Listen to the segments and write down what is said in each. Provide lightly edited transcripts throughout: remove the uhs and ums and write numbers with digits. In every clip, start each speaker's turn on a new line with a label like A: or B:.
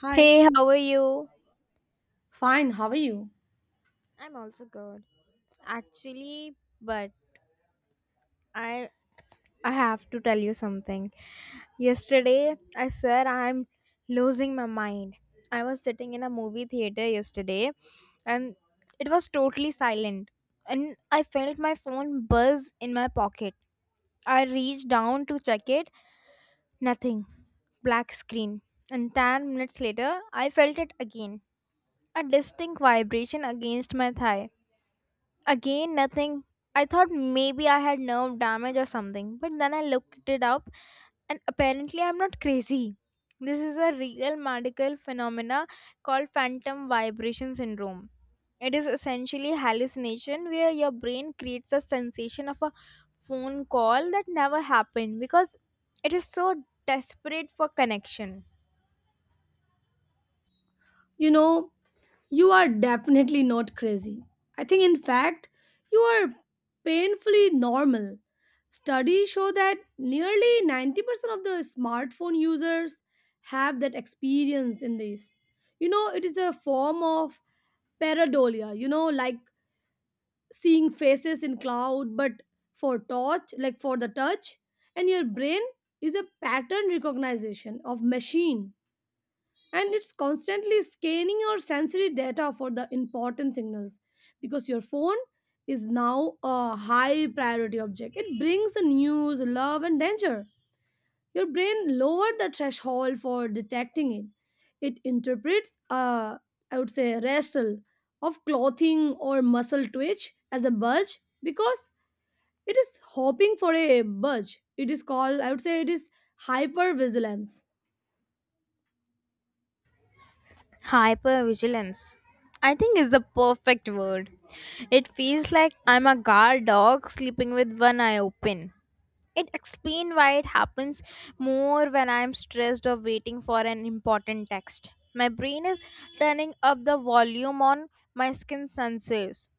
A: Hi.
B: Hey, how are you?
A: Fine, how are you?
B: I'm also good. Actually, but I I have to tell you something. Yesterday, I swear I'm losing my mind. I was sitting in a movie theater yesterday and it was totally silent and I felt my phone buzz in my pocket. I reached down to check it, nothing. Black screen. And 10 minutes later, I felt it again. A distinct vibration against my thigh. Again, nothing. I thought maybe I had nerve damage or something, but then I looked it up and apparently I'm not crazy. This is a real medical phenomena called phantom vibration syndrome. It is essentially hallucination where your brain creates a sensation of a phone call that never happened because it is so desperate for connection.
A: You know, you are definitely not crazy. I think, in fact, you are painfully normal. Studies show that nearly 90% of the smartphone users have that experience in this. You know, it is a form of pareidolia, you know, like seeing faces in cloud, but for touch, like for the touch, and your brain is a pattern recognition of machine, and it's constantly scanning your sensory data for the important signals because your phone is now a high priority object. It brings the news, love and danger. Your brain lowered the threshold for detecting it. It interprets I would say wrestle of clothing or muscle twitch as a budge because it is hoping for a budge. It is called, I would say it is hyper vigilance.
B: Hypervigilance, I think, is the perfect word. It feels like I'm a guard dog sleeping with one eye open. It explains why it happens more when I'm stressed or waiting for an important text. My brain is turning up the volume on my skin sensors.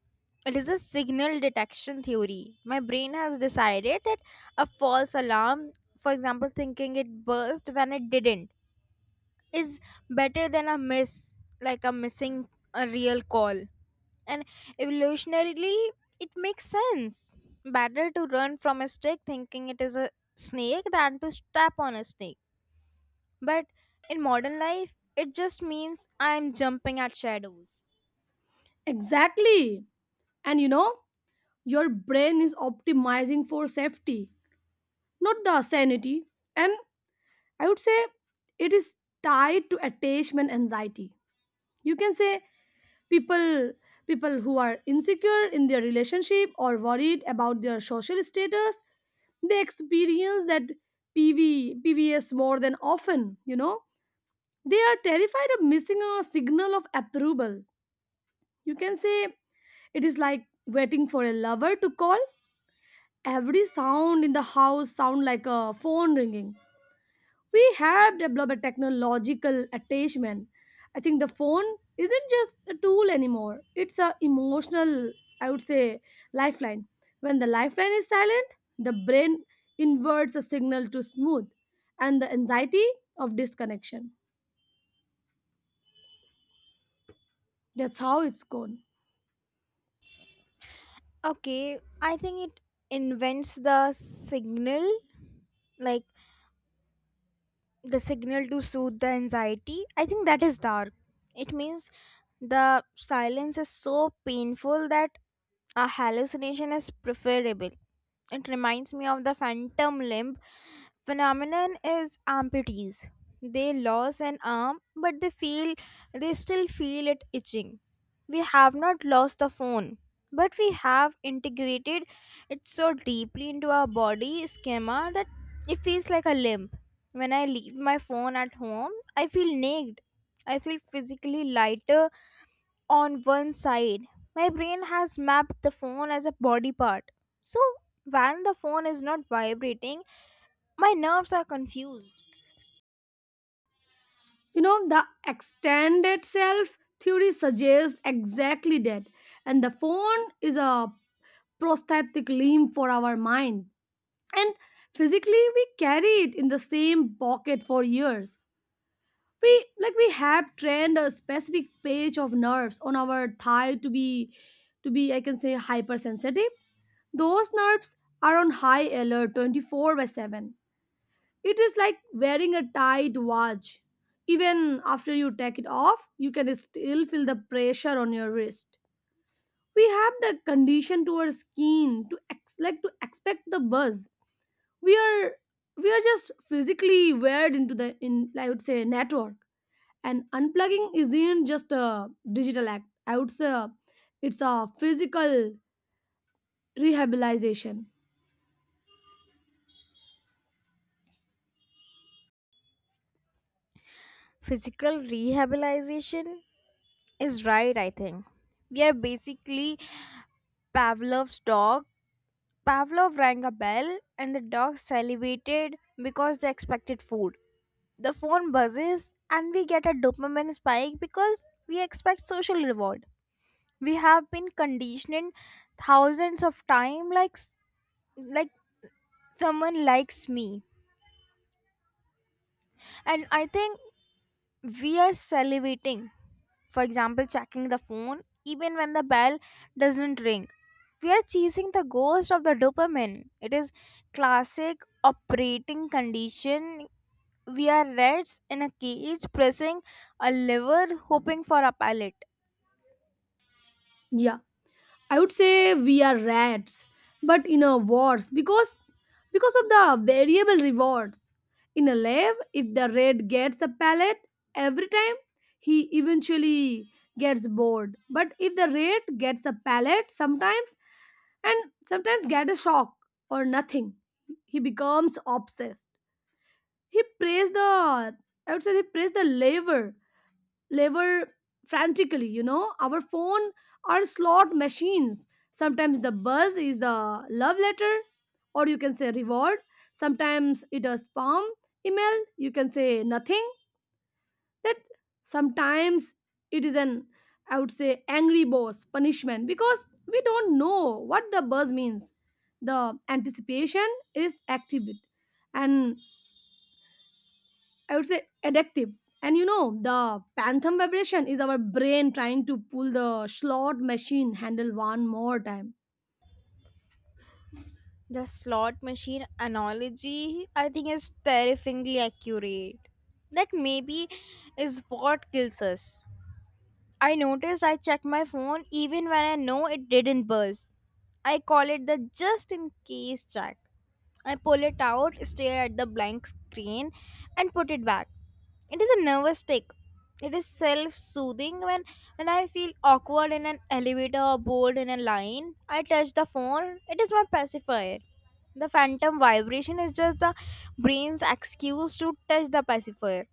B: It is a signal detection theory. My brain has decided that a false alarm, for example, thinking it burst when it didn't, is better than a miss, like a missing a real call, and evolutionarily it makes sense. Better to run from a stick thinking it is a snake than to step on a snake. But in modern life it just means I'm jumping at shadows.
A: Exactly. And you know, your brain is optimizing for safety, not the sanity. And I would say it is tied to attachment anxiety. You can say people people who are insecure in their relationship or worried about their social status, they experience that PV, PVS more than often, you know. They are terrified of missing a signal of approval. You can say it is like waiting for a lover to call. Every sound in the house sound like a phone ringing. We have developed a technological attachment. I think the phone isn't just a tool anymore, it's a emotional, I would say, lifeline. When the lifeline is silent, the brain inverts a signal to smooth and the anxiety of disconnection. That's how it's gone.
B: Okay, I think it invents the signal, like the signal to soothe the anxiety. I think that is dark. It means the silence is so painful that a hallucination is preferable. It reminds me of the phantom limb phenomenon is amputees. They lose an arm but they feel, they still feel it itching. We have not lost the phone, but we have integrated it so deeply into our body schema that it feels like a limb. When I leave my phone at home, I feel naked. I feel physically lighter on one side. My brain has mapped the phone as a body part. So, when the phone is not vibrating, my nerves are confused.
A: You know, the extended self theory suggests exactly that, and the phone is a prosthetic limb for our mind. And physically, we carry it in the same pocket for years. We, like, we have trained a specific page of nerves on our thigh to be, to be, I can say, hypersensitive. Those nerves are on high alert 24 by 7. It is like wearing a tight watch. Even after you take it off, you can still feel the pressure on your wrist. We have the condition to our skin to like to expect the buzz. We are, we are just physically wired into the in, I would say, network. And unplugging isn't just a digital act. I would say it's a physical rehabilitation.
B: Physical rehabilitation is right, I think. We are basically Pavlov's dog. Pavlov rang a bell, and the dog salivated because they expected food. The phone buzzes, and we get a dopamine spike because we expect social reward. We have been conditioned thousands of times, like someone likes me, and I think we are salivating. For example, checking the phone even when the bell doesn't ring. We are chasing the ghost of the dopamine. It is classic operating condition. We are rats in a cage pressing a lever hoping for a pallet.
A: Yeah, I would say we are rats, but in a wars, because of the variable rewards. In a lab, if the rat gets a pellet every time, he eventually gets bored. But if the rat gets a pellet sometimes, and sometimes get a shock or nothing, he becomes obsessed. He prays the, I would say, he prays the lever frantically. You know, our phone are slot machines. Sometimes the buzz is the love letter, or you can say reward. Sometimes it is spam email, you can say nothing. That sometimes it is an, I would say, angry boss punishment, because we don't know what the buzz means. The anticipation is active and, I would say, addictive. And you know, the phantom vibration is our brain trying to pull the slot machine handle one more time.
B: The slot machine analogy, I think, is terrifyingly accurate. That maybe is what kills us. I noticed I checked my phone even when I know it didn't buzz. I call it the just in case check. I pull it out, stare at the blank screen, and put it back. It is a nervous tick. It is self-soothing when I feel awkward in an elevator or bored in a line. I touch the phone. It is my pacifier. The phantom vibration is just the brain's excuse to touch the pacifier.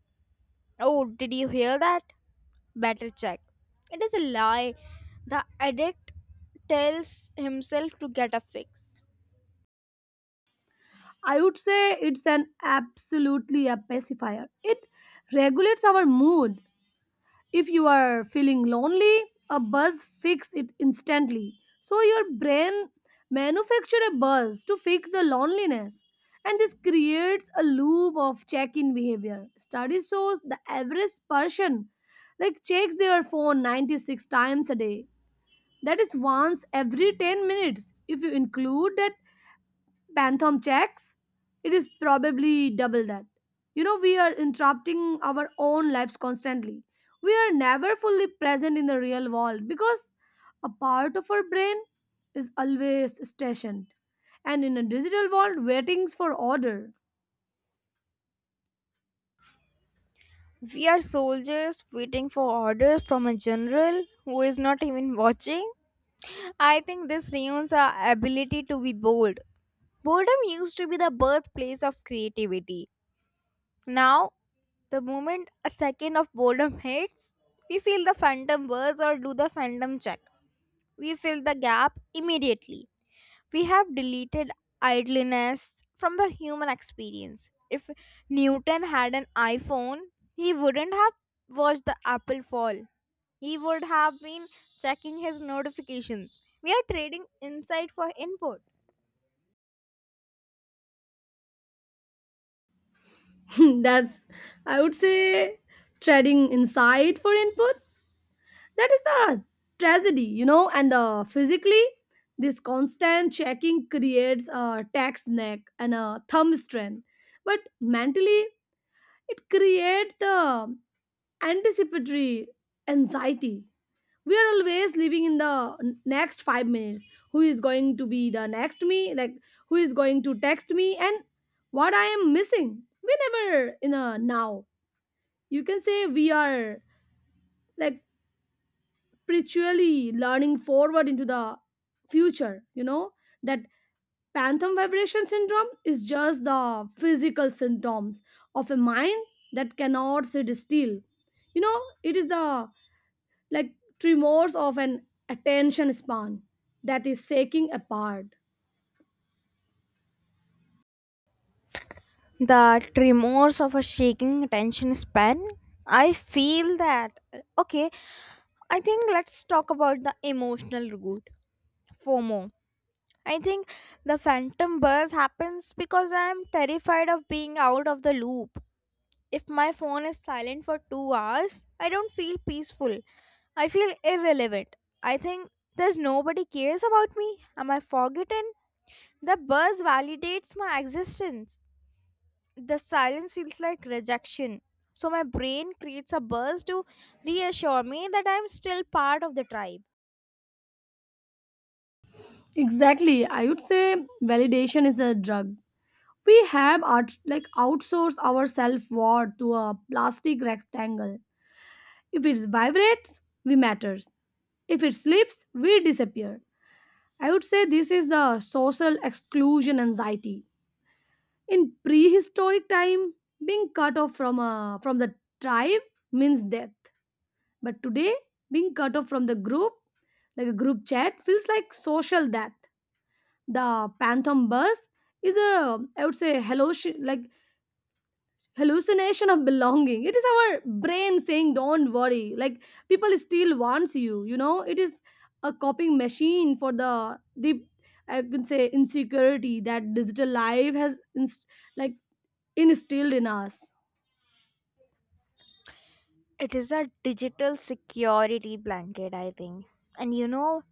B: Oh, did you hear that? Better check. It is a lie the addict tells himself to get a fix.
A: I would say it's an absolutely a pacifier. It regulates our mood. If you are feeling lonely, a buzz fixes it instantly. So your brain manufactures a buzz to fix the loneliness. And this creates a loop of check-in behavior. Study shows the average person, like, checks their phone 96 times a day. That is once every 10 minutes. If you include that Bantam checks, it is probably double that. You know, we are interrupting our own lives constantly. We are never fully present in the real world because a part of our brain is always stationed and in a digital world waiting for order.
B: We are soldiers waiting for orders from a general who is not even watching. I think this reunions our ability to be bold. Boredom used to be the birthplace of creativity. Now, the moment a second of boredom hits, we feel the phantom words or do the phantom check. We fill the gap immediately. We have deleted idleness from the human experience. If Newton had an iPhone, he wouldn't have watched the apple fall. He would have been checking his notifications. We are trading insight for input.
A: That's, I would say, treading inside for input. That is the tragedy. You know, and physically, this constant checking creates a tax neck and a thumb strain, but mentally it creates the anticipatory anxiety. We are always living in the next 5 minutes. Who is going to be the next me, like, who is going to text me and what I am missing. We never in a now. You can say we are, like, spiritually learning forward into the future. You know that phantom vibration syndrome is just the physical symptoms of a mind that cannot sit still. You know, it is the, like, tremors of an attention span that is shaking apart.
B: That remorse of a shaking attention span, I feel that. Okay, I think let's talk about the emotional root. FOMO. I think the phantom buzz happens because I am terrified of being out of the loop. If my phone is silent for 2 hours, I don't feel peaceful. I feel irrelevant. I think there's nobody cares about me. Am I forgotten? The buzz validates my existence. The silence feels like rejection. So my brain creates a buzz to reassure me that I'm still part of the tribe.
A: Exactly. I would say validation is a drug. We have like outsourced our self worth to a plastic rectangle. If it vibrates, we matters. If it slips, we disappear. I would say this is the social exclusion anxiety. In prehistoric time, being cut off from a, from the tribe, means death. But today, being cut off from the group, like a group chat, feels like social death. The phantom bus is a, I would say, hello, like hallucination of belonging. It is our brain saying, don't worry, like, people still wants you. You know, it is a coping machine for the, I can say, insecurity that digital life has like instilled in us.
B: It is a digital security blanket, I think. And you know,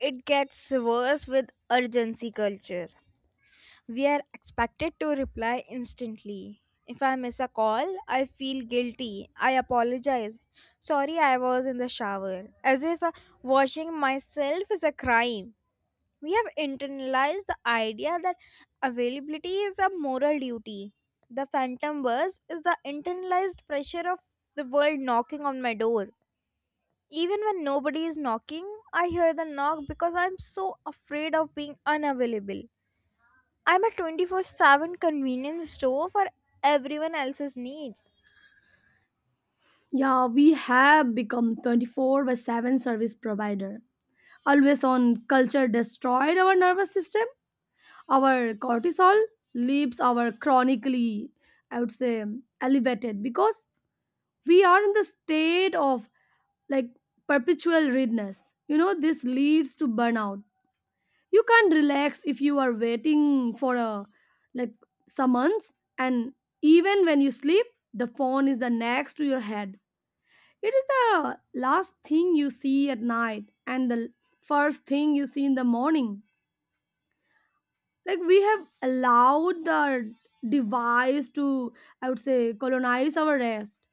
B: it gets worse with urgency culture. We are expected to reply instantly. If I miss a call, I feel guilty. I apologize. Sorry, I was in the shower. As if washing myself is a crime. We have internalized the idea that availability is a moral duty. The phantom buzz is the internalized pressure of the world knocking on my door. Even when nobody is knocking, I hear the knock because I'm so afraid of being unavailable. I'm a 24/7 convenience store for everyone else's needs.
A: Yeah, we have become 24 by 7 service provider. Always on culture destroyed our nervous system. Our cortisol leaves our chronically, I would say, elevated because we are in the state of, like, perpetual readiness. You know, this leads to burnout. You can't relax if you are waiting for a, like, summons. And even when you sleep, the phone is the next to your head. It is the last thing you see at night and the first thing you see in the morning. Like, we have allowed the device to, I would say, colonize our rest.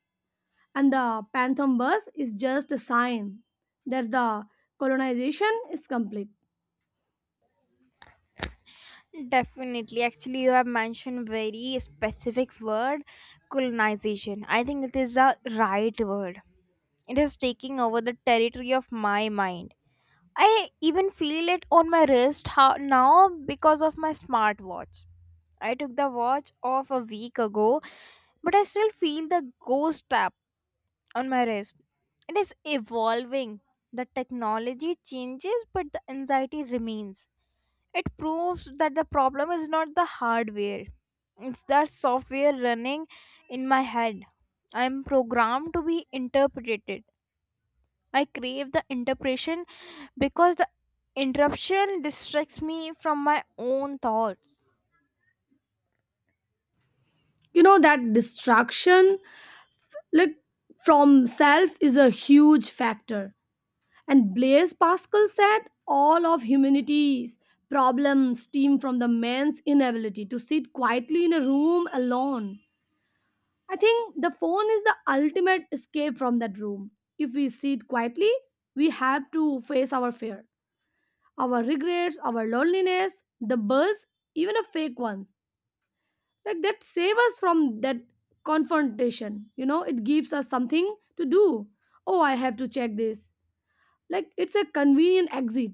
A: And the phantom bus is just a sign that the colonization is complete.
B: Definitely. Actually, you have mentioned very specific word, colonization. I think it is a right word. It is taking over the territory of my mind. I even feel it on my wrist now because of my smartwatch. I took the watch off a week ago, but I still feel the ghost on my wrist. It is evolving. The technology changes, but the anxiety remains. It proves that the problem is not the hardware, it's the software running in my head. I am programmed to be interpreted. I crave the interpretation because the interruption distracts me from my own thoughts.
A: You know, that distraction, like, from self is a huge factor. And Blaise Pascal said, all of humanity's problems stem from the man's inability to sit quietly in a room alone. I think the phone is the ultimate escape from that room. If we sit quietly, we have to face our fear, our regrets, our loneliness. The buzz, even a fake ones, like, that save us from that confrontation. You know, it gives us something to do. Oh, I have to check this. Like, it's a convenient exit,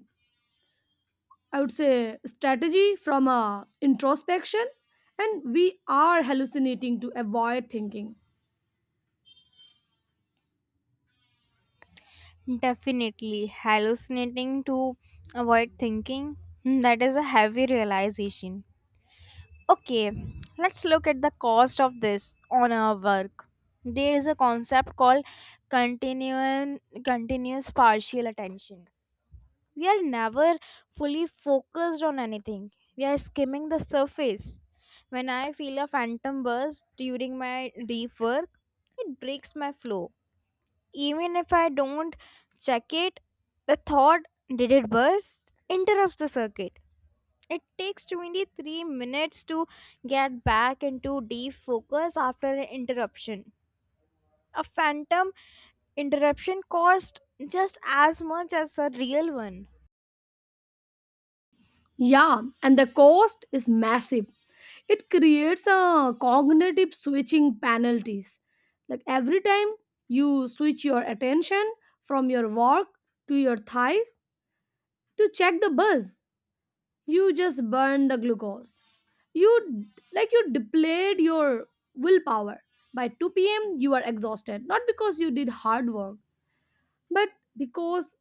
A: I would say, strategy from a introspection. And we are hallucinating to avoid thinking.
B: Definitely hallucinating to avoid thinking. That is a heavy realization. Okay, let's look at the cost of this on our work. There is a concept called continuum, continuous partial attention. We are never fully focused on anything, we are skimming the surface. When I feel a phantom burst during my deep work, it breaks my flow. Even if I don't check it, the thought, did it burst, interrupts the circuit. It takes 23 minutes to get back into deep focus after an interruption. A phantom interruption cost just as much as a real one.
A: Yeah, and the cost is massive. It creates a cognitive switching penalties. Like, every time you switch your attention from your work to your thigh to check the buzz, you just burn the glucose. You, like, you depleted your willpower. By 2 p.m., you are exhausted, not because you did hard work, but because,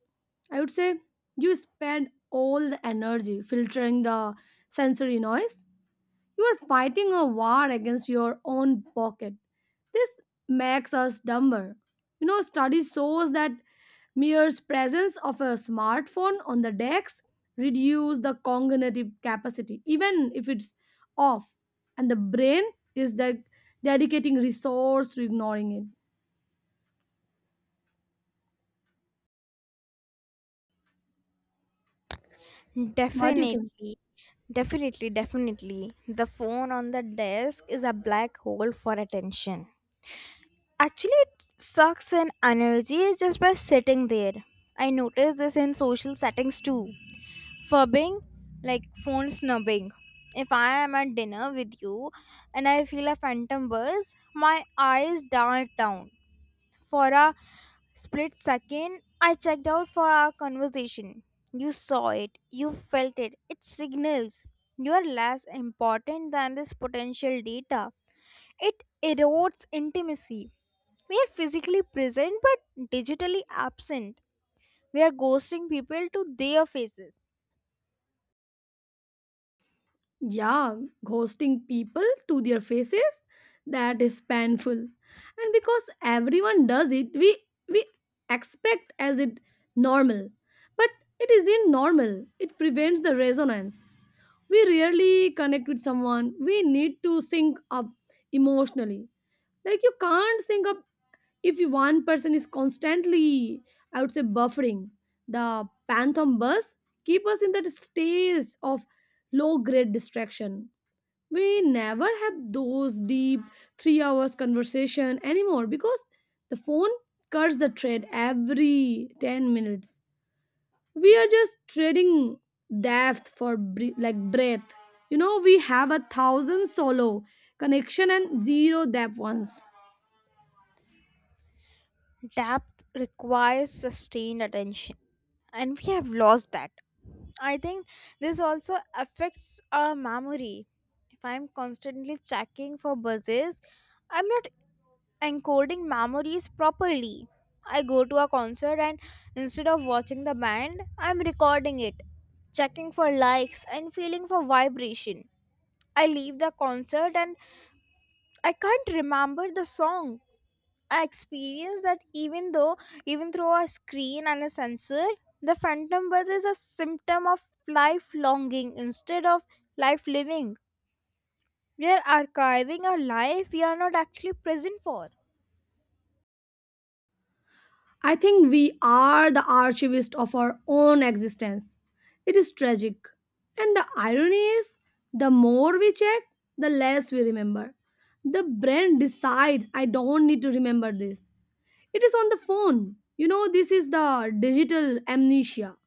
A: I would say, you spend all the energy filtering the sensory noise. You are fighting a war against your own pocket. This makes us dumber. You know, study shows that mere presence of a smartphone on the decks reduce the cognitive capacity, even if it's off, and the brain is dedicating resource to ignoring it. What do you think?
B: Definitely, definitely, definitely. The phone on the desk is a black hole for attention. Actually, it sucks in energy just by sitting there. I noticed this in social settings too. Fubbing, like phone snubbing. If I am at dinner with you and I feel a phantom buzz, my eyes dart down for a split second. I checked out for our conversation. You saw it, you felt it. It signals you are less important than this potential data. It erodes intimacy. We are physically present but digitally absent. We are ghosting people to their faces.
A: Yeah, ghosting people to their faces, that is painful. And because everyone does it, we expect as it normal. But it isn't normal. It prevents the resonance. We rarely connect with someone. We need to sync up emotionally. Like, you can't sync up if you, one person is constantly, I would say, buffering. The phantom bus keep us in that stage of low grade distraction. We never have those deep 3 hours conversation anymore because the phone cuts the trade every 10 minutes. We are just trading depth for like breath. You know, we have a thousand solo connection and zero depth ones.
B: Depth requires sustained attention, and we have lost that. I think this also affects our memory. If I'm constantly checking for buzzes, I'm not encoding memories properly. I go to a concert and instead of watching the band, I'm recording it, checking for likes and feeling for vibration. I leave the concert and I can't remember the song. I experienced that even through a screen and a sensor. The phantom buzz is a symptom of life longing instead of life living. We are archiving a life we are not actually present for.
A: I think we are the archivist of our own existence. It is tragic. And the irony is, the more we check, the less we remember. The brain decides, I don't need to remember this. It is on the phone. You know, this is the digital amnesia.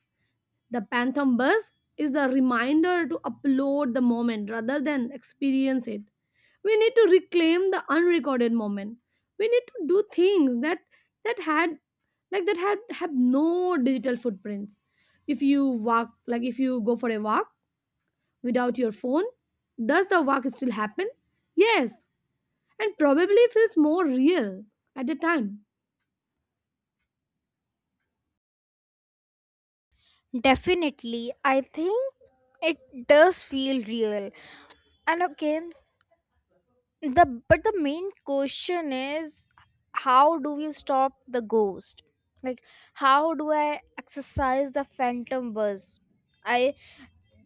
A: The Phantom Bus is the reminder to upload the moment rather than experience it. We need to reclaim the unrecorded moment. We need to do things that that had like that had have no digital footprints. If you walk, like, if you go for a walk without your phone, does the walk still happen? Yes, and probably feels more real at the time.
B: Definitely, I think it does feel real. And again, the but the main question is, how do we stop the ghost? Like how do I exercise the phantom buzz? I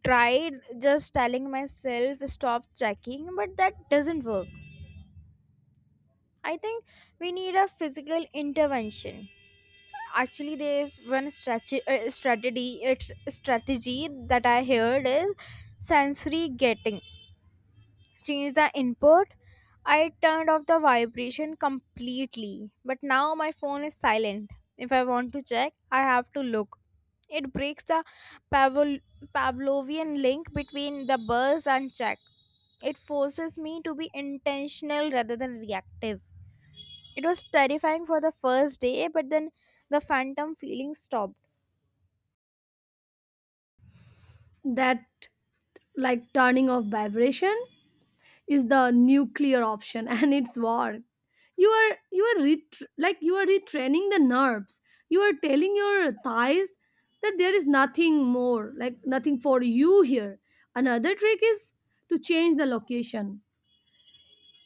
B: tried just telling myself stop checking, but that doesn't work. I think we need a physical intervention. Actually, there is one strategy that I heard is sensory getting. Change the input. I turned off the vibration completely, but now my phone is silent. If I want to check, I have to look. It breaks the Pavl- Pavlovian link between the buzz and check. It forces me to be intentional rather than reactive. It was terrifying for the first day, but then the phantom feeling stopped.
A: That, like, turning off vibration is the nuclear option and it's war. You are, like, you are retraining the nerves. You are telling your thighs that there is nothing more, like, nothing for you here. Another trick is to change the location.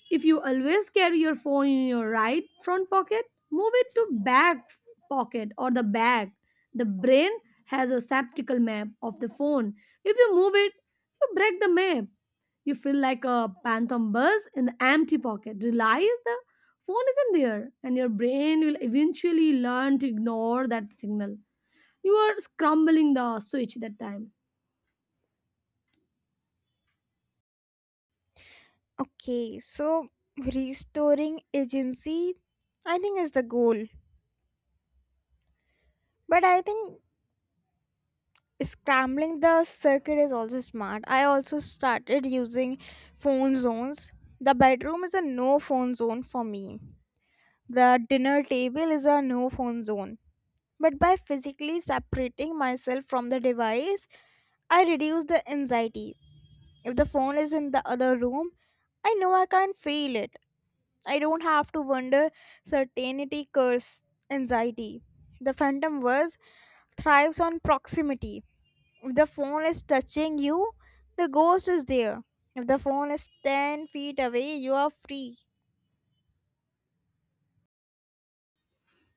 A: If you always carry your phone in your right front pocket, move it to back pocket or the bag. The brain has a septical map of the phone. If you move it, you break the map. You feel like a phantom buzz in the empty pocket. Realize the phone isn't there, and your brain will eventually learn to ignore that signal. You are scrambling the switch that time.
B: Okay, so restoring agency, I think, is the goal. But I think scrambling the circuit is also smart. I also started using phone zones. The bedroom is a no phone zone for me. The dinner table is a no phone zone. But by physically separating myself from the device, I reduce the anxiety. If the phone is in the other room, I know I can't feel it. I don't have to wonder, certainty curse anxiety. The phantom verse thrives on proximity. If the phone is touching you, the ghost is there. If the phone is 10 feet away, you are free.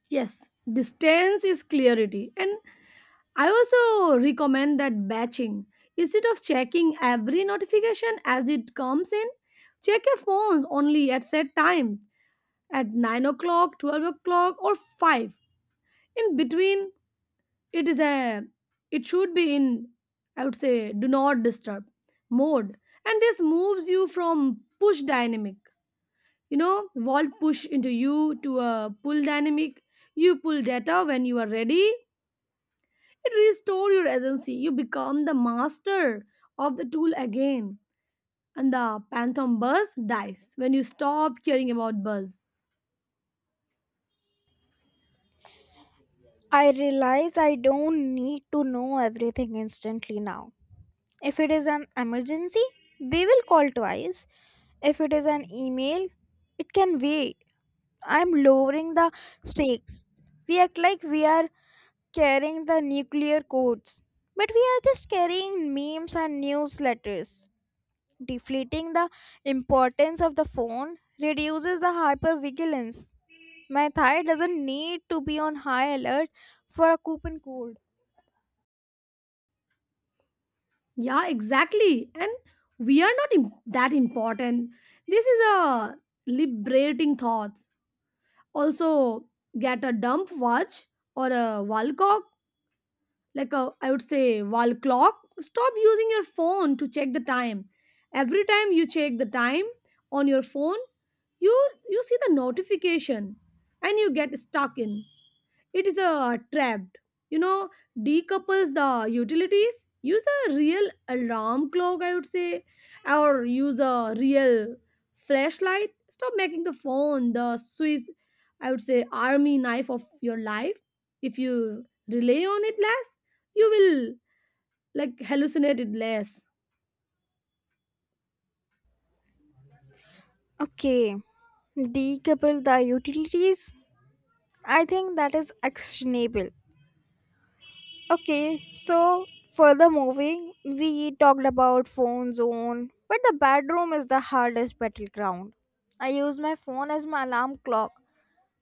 A: Yes, distance is clarity, and I also recommend that batching. Instead of checking every notification as it comes in, check your phones only at set time at 9 o'clock, 12 o'clock, or 5. In between, it is a it should be in I would say do not disturb mode. And this moves you from push dynamic, vault push into you to a pull dynamic. You pull data when you are ready. It restores your agency. You become the master of the tool again. And the phantom buzz dies when you stop caring about buzz.
B: I realize I don't need to know everything instantly now. If it is an emergency, they will call twice. If it is an email, it can wait. I'm lowering the stakes. We act like we are carrying the nuclear codes, but we are just carrying memes and newsletters. Deflating the importance of the phone reduces the hypervigilance. My thigh doesn't need to be on high alert for a coupon code.
A: Yeah, exactly. And we are not that important. This is a liberating thoughts. Also, get a dump watch or a wall clock like I would say wall clock. Stop using your phone to check the time. Every time you check the time on your phone, you you see the notification and you get stuck in. It is trapped. You know, decouples the utilities. Use a real alarm clock, I would say, or use a real flashlight. Stop making the phone the Swiss, I would say, army knife of your life. If you rely on it less, you will like hallucinate it less.
B: Okay, decouple the utilities. I think that is actionable. Okay, so for the moving, we talked about phone zone, but the bedroom is the hardest battleground. I use my phone as my alarm clock,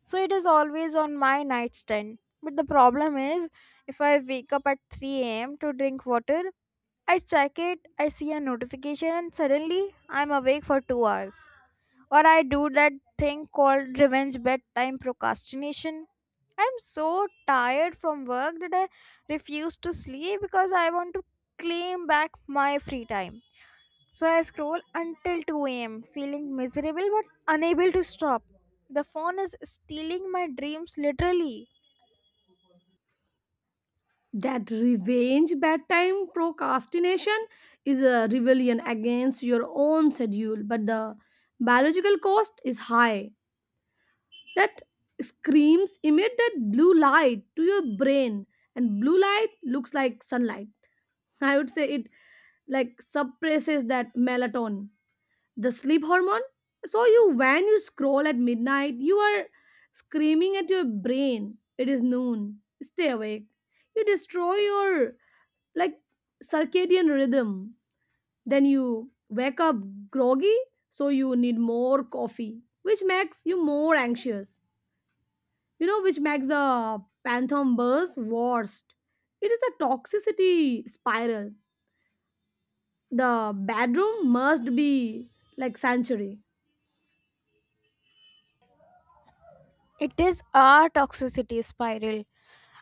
B: so it is always on my nightstand. But the problem is, if I wake up at 3 a.m. to drink water, I check it, I see a notification, and suddenly I'm awake for 2 hours. Or I do that thing called revenge bedtime procrastination. I'm so tired from work that I refuse to sleep because I want to claim back my free time. So I scroll until 2 a.m., feeling miserable but unable to stop. The phone is stealing my dreams literally.
A: That revenge bedtime procrastination is a rebellion against your own schedule, but the biological cost is high. That screams emit that blue light to your brain, and blue light looks like sunlight. I would say it like suppresses that melatonin, the sleep hormone. So you, when you scroll at midnight, you are screaming at your brain, it is noon, stay awake. You destroy your like circadian rhythm. Then you wake up groggy, so you need more coffee, which makes you more anxious, which makes the phantom bus worst. It is a toxicity spiral. The bedroom must be like sanctuary.
B: It is our toxicity spiral.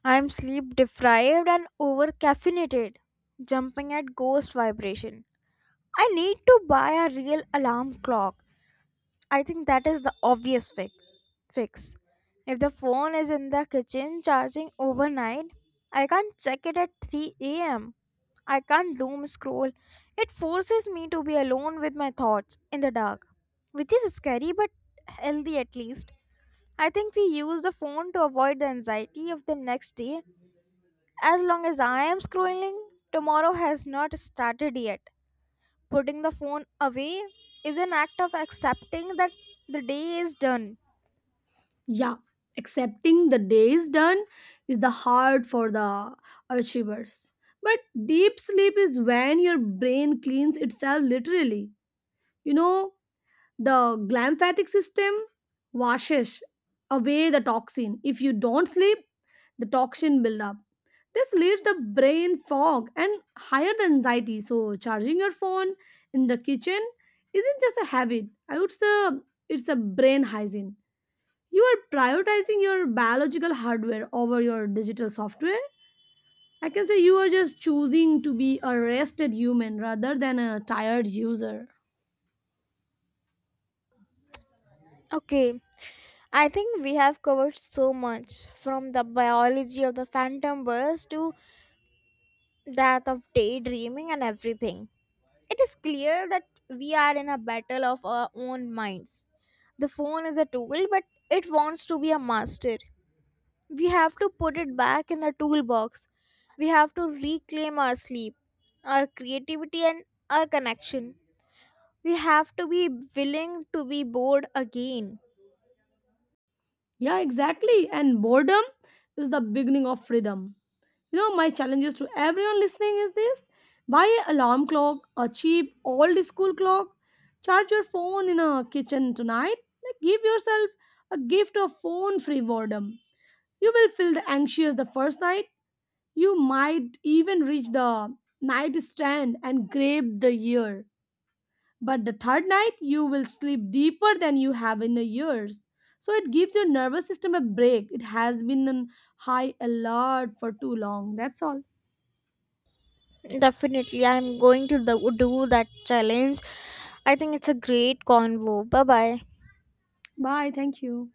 B: I am sleep deprived and over caffeinated, jumping at ghost vibration. I need to buy a real alarm clock. I think that is the obvious fix. If the phone is in the kitchen charging overnight, I can't check it at 3 am. I can't doom scroll. It forces me to be alone with my thoughts in the dark, which is scary but healthy at least. I think we use the phone to avoid the anxiety of the next day. As long as I am scrolling, tomorrow has not started yet. Putting the phone away is an act of accepting that the day is done.
A: Yeah, accepting the day is done is the hard for the achievers. But deep sleep is when your brain cleans itself, literally. You know, the glymphatic system washes away the toxin. If you don't sleep, the toxin build up. This leaves the brain fog and higher the anxiety. So charging your phone in the kitchen isn't just a habit. I would say it's a brain hygiene. You are prioritizing your biological hardware over your digital software. I can say you are just choosing to be a rested human rather than a tired user.
B: Okay, I think we have covered so much, from the biology of the phantom birds to death of daydreaming and everything. It is clear that we are in a battle of our own minds. The phone is a tool, but it wants to be a master. We have to put it back in the toolbox. We have to reclaim our sleep, our creativity, and our connection. We have to be willing to be bored again.
A: Yeah, exactly. And boredom is the beginning of freedom. You know, my challenges to everyone listening is this: buy an alarm clock, a cheap old school clock, charge your phone in a kitchen tonight. Like, give yourself a gift of phone free boredom. You will feel the anxious the first night. You might even reach the nightstand and grab the year. But the third night, you will sleep deeper than you have in a years. So it gives your nervous system a break. It has been on high alert for too long. That's all.
B: Definitely, I'm going do that challenge. I think it's a great convo. Bye bye.
A: Bye. Thank you.